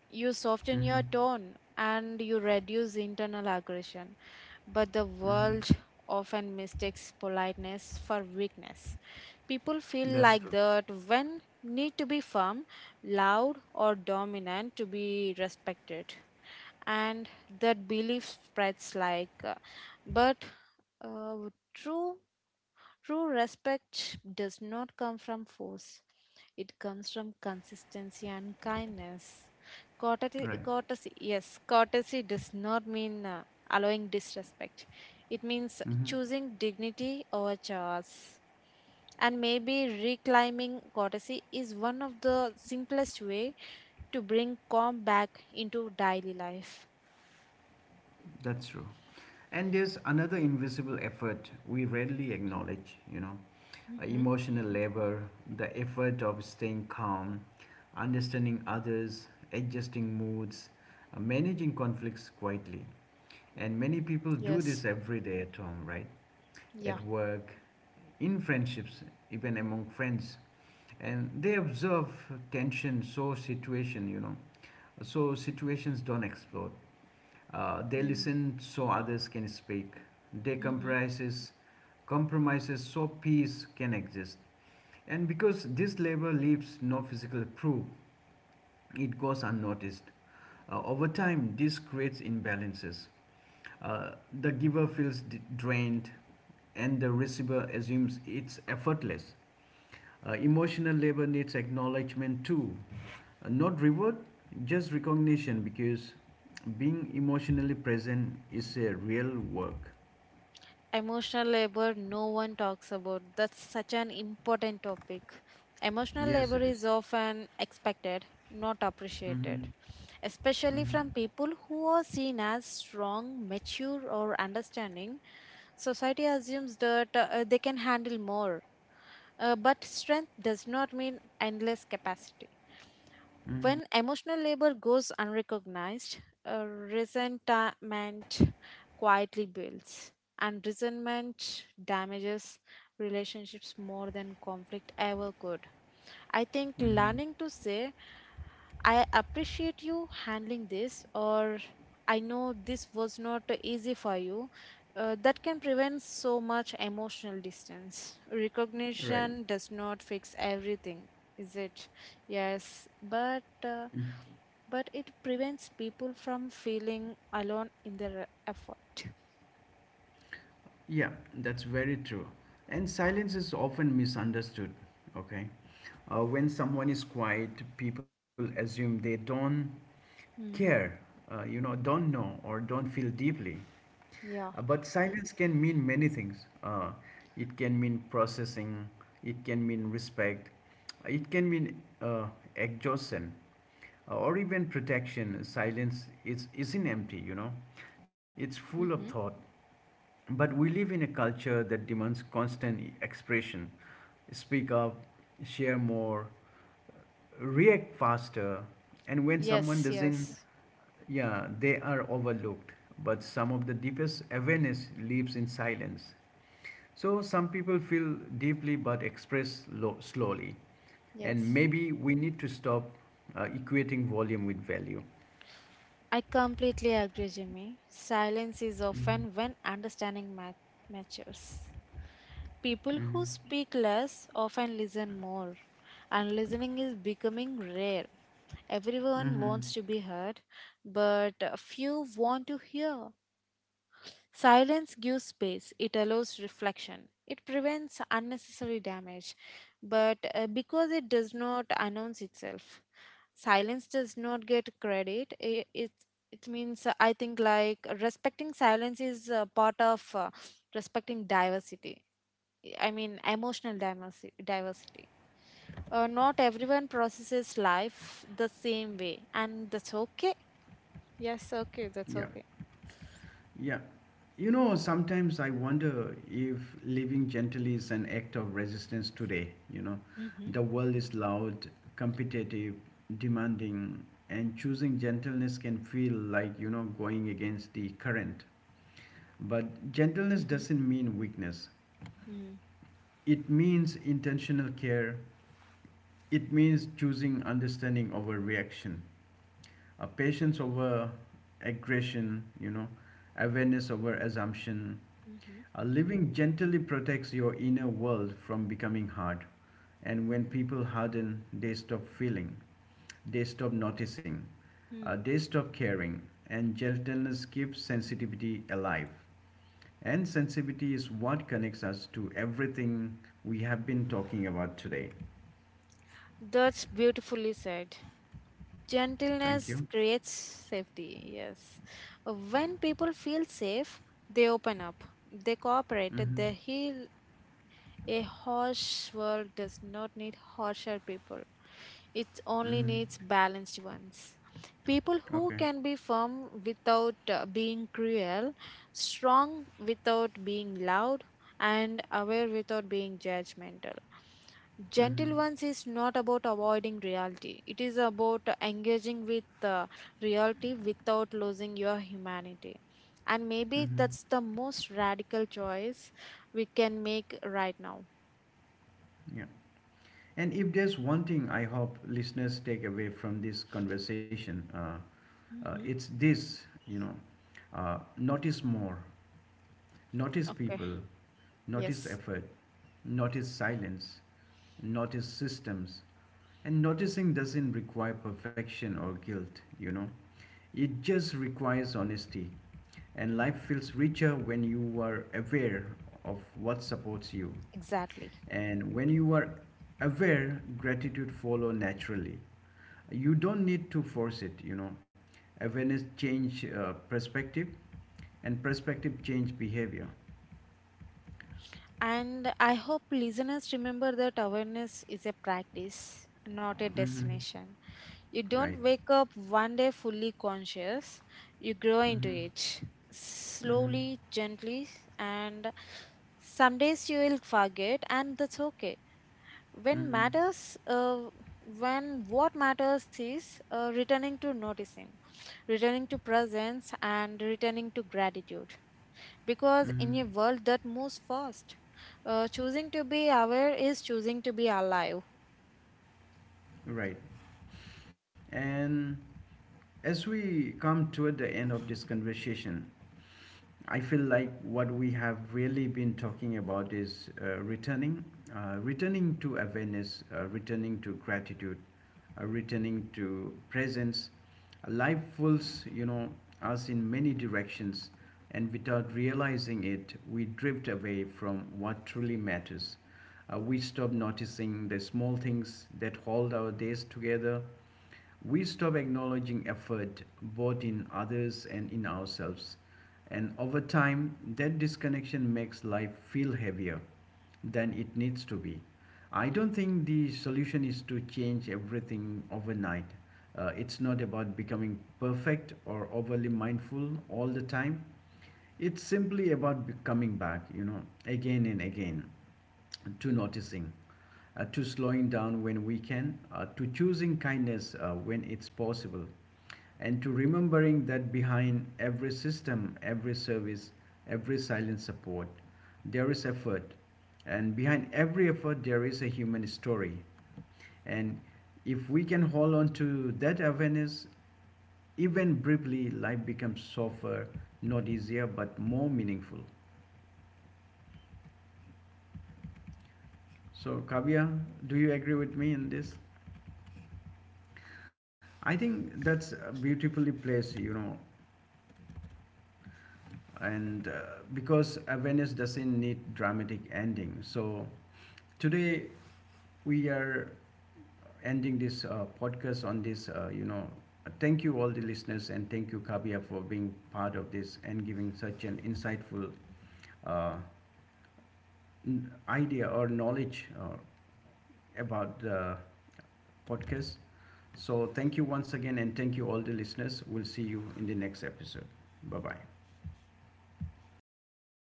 S2: You soften
S1: Mm-hmm.
S2: your tone and you reduce internal aggression. But the
S1: Mm-hmm.
S2: world often mistakes politeness for weakness. People feel
S1: That's
S2: like
S1: true,
S2: that when need to be firm, loud, or dominant to be respected. And that belief spreads like, uh, but uh, true. True respect does not come from force. It comes from consistency and kindness. Courtesy,
S1: right?
S2: courtesy yes, courtesy does not mean uh, allowing disrespect. It means
S1: Mm-hmm.
S2: choosing dignity over chores. And maybe reclaiming courtesy is one of the simplest way to bring calm back into daily life.
S1: That's true. And there's another invisible effort we rarely acknowledge, you know, uh,
S2: Mm-hmm.
S1: emotional labor, the effort of staying calm, understanding others, adjusting moods, uh, managing conflicts quietly. And many people do this
S2: Yes.
S1: every day at home, right?
S2: Yeah.
S1: At work, in friendships, even among friends. And they observe tension, so situation, you know, so situations don't explode. Uh, they
S2: Mm-hmm.
S1: listen so others can speak. They
S2: Mm-hmm.
S1: compromises, compromises so peace can exist. And because this labor leaves no physical proof, it goes unnoticed. Uh, over time, this creates imbalances. Uh, the giver feels drained, and the receiver assumes it's effortless. Uh, emotional labor needs acknowledgement too. Uh, Not reward, just recognition because being emotionally present is a real work.
S2: Emotional labor, no one talks about. That's such an important topic. Emotional
S1: Yes,
S2: labor
S1: it is.
S2: is often expected, not
S1: Mm-hmm.
S2: appreciated, especially from people who are seen as strong, mature, or understanding. Society assumes that uh, they can handle more, uh, but strength does not mean endless capacity. When emotional labor goes unrecognized, uh, resentment quietly builds, and resentment damages relationships more than conflict ever could. I think learning to say, I appreciate you handling this, or I know this was not easy for you, uh, that can prevent so much emotional distance.
S1: Right.
S2: Recognition does not fix everything, is it? Yes, but. Uh, but it prevents people from feeling alone in their effort.
S1: Yeah, that's very true. And silence is often misunderstood, okay? Uh, when someone is quiet, people assume they don't
S2: Mm,
S1: care, uh, you know, don't know, or don't feel deeply.
S2: yeah.
S1: Uh, but silence can mean many things. Uh, it can mean processing, it can mean respect, it can mean uh, exhaustion, uh, or even protection. Silence is, isn't empty, you know, it's full of thought.
S2: Hmm.
S1: But we live in a culture that demands constant expression. Speak up, share more, react faster, and when someone
S2: Yes,
S1: doesn't,
S2: yes.
S1: yeah, they are overlooked. But some of the deepest awareness lives in silence. So some people feel deeply but express lo- slowly. And
S2: Yes.
S1: maybe we need to stop uh, equating volume with value.
S2: I completely agree, Jimmy. Silence is often when understanding mat- matures. People who speak less often listen more, and listening is becoming rare. Everyone wants
S1: Mm-hmm.
S2: to be heard, but few want to hear. Silence gives space, it allows reflection, it prevents unnecessary damage, but uh, because it does not announce itself, silence does not get credit. It, it, it means, uh, I think, like respecting silence is uh, part of uh, respecting diversity. I mean, emotional diversity. Diversity. Uh, not everyone processes life the same way, and that's okay. Yes, okay, that's
S1: Yeah.
S2: okay.
S1: Yeah. You know, sometimes I wonder if living gently is an act of resistance today. You know,
S2: Mm-hmm.
S1: the world is loud, competitive, demanding, and choosing gentleness can feel like, you know, going against the current. But gentleness
S2: Mm-hmm.
S1: doesn't mean weakness. It means intentional care. It means choosing understanding over reaction, a patience over aggression, you know, awareness over assumption.
S2: Mm-hmm.
S1: Uh, living gently protects your inner world from becoming hard. And when people harden, they stop feeling, they stop noticing, uh,
S2: Mm-hmm.
S1: they stop caring, and gentleness keeps sensitivity alive. And sensitivity is what connects us to everything we have been talking about today.
S2: That's beautifully said.
S1: Thank
S2: Gentleness
S1: you.
S2: creates safety, yes. When people feel safe, they open up, they cooperate,
S1: Mm-hmm.
S2: they heal. A harsh world does not need harsher people. It only
S1: Mm-hmm.
S2: needs balanced ones. People who
S1: Okay.
S2: can be firm without uh, being cruel, strong without being loud, and aware without being judgmental.
S1: Mm-hmm.
S2: Gentle ones is not about avoiding reality, it is about engaging with uh, reality without losing your humanity. And maybe
S1: Mm-hmm.
S2: that's the most radical choice we can make right now.
S1: Yeah. And if there's one thing I hope listeners take away from this conversation, uh, uh,
S2: Hmm.
S1: it's this, you know, uh, notice more, notice
S2: Okay,
S1: people, notice
S2: yes,
S1: effort, notice silence, notice systems. And noticing doesn't require perfection or guilt, you know. It just requires honesty, and life feels richer when you are aware of what supports you.
S2: exactly.
S1: And when you are aware, gratitude follow naturally. You don't need to force it, you know. Awareness change uh, perspective, and perspective change behavior.
S2: And I hope listeners remember that awareness is a practice, not a
S1: Hmm.
S2: destination. You don't
S1: Right.
S2: wake up one day fully conscious, you grow into
S1: Hmm.
S2: it
S1: Hmm.
S2: slowly, gently, and some days you will forget, and that's okay. When
S1: Hmm.
S2: matters, uh, when What matters is uh, returning to noticing, returning to presence, and returning to gratitude, because in a
S1: Hmm.
S2: world that moves fast, uh, choosing to be aware is choosing to be alive.
S1: Right. And as we come toward the end of this conversation, I feel like what we have really been talking about is uh, returning, uh, returning to awareness, uh, returning to gratitude, uh, returning to presence. Life pulls, you know, us in many directions, and without realizing it, we drift away from what truly matters. Uh, we stop noticing the small things that hold our days together. We stop acknowledging effort both in others and in ourselves. And over time, that disconnection makes life feel heavier than it needs to be. I don't think the solution is to change everything overnight. Uh, it's not about becoming perfect or overly mindful all the time. It's simply about be- coming back, you know, again and again to noticing, uh, to slowing down when we can, uh, to choosing kindness uh, when it's possible, and to remembering that behind every system, every service, every silent support, there is effort. And behind every effort, there is a human story. And if we can hold on to that awareness, even briefly, life becomes softer, not easier, but more meaningful. So, Kavya, do you agree with me in this? I think that's uh, beautifully placed, you know, and uh, because awareness doesn't need dramatic ending. So today we are ending this uh, podcast on this, uh, you know, thank you all the listeners and thank you Kabia for being part of this and giving such an insightful uh, n- idea or knowledge uh, about the podcast. So, thank you once again, and thank you all the listeners. We'll see you in the next episode. Bye bye.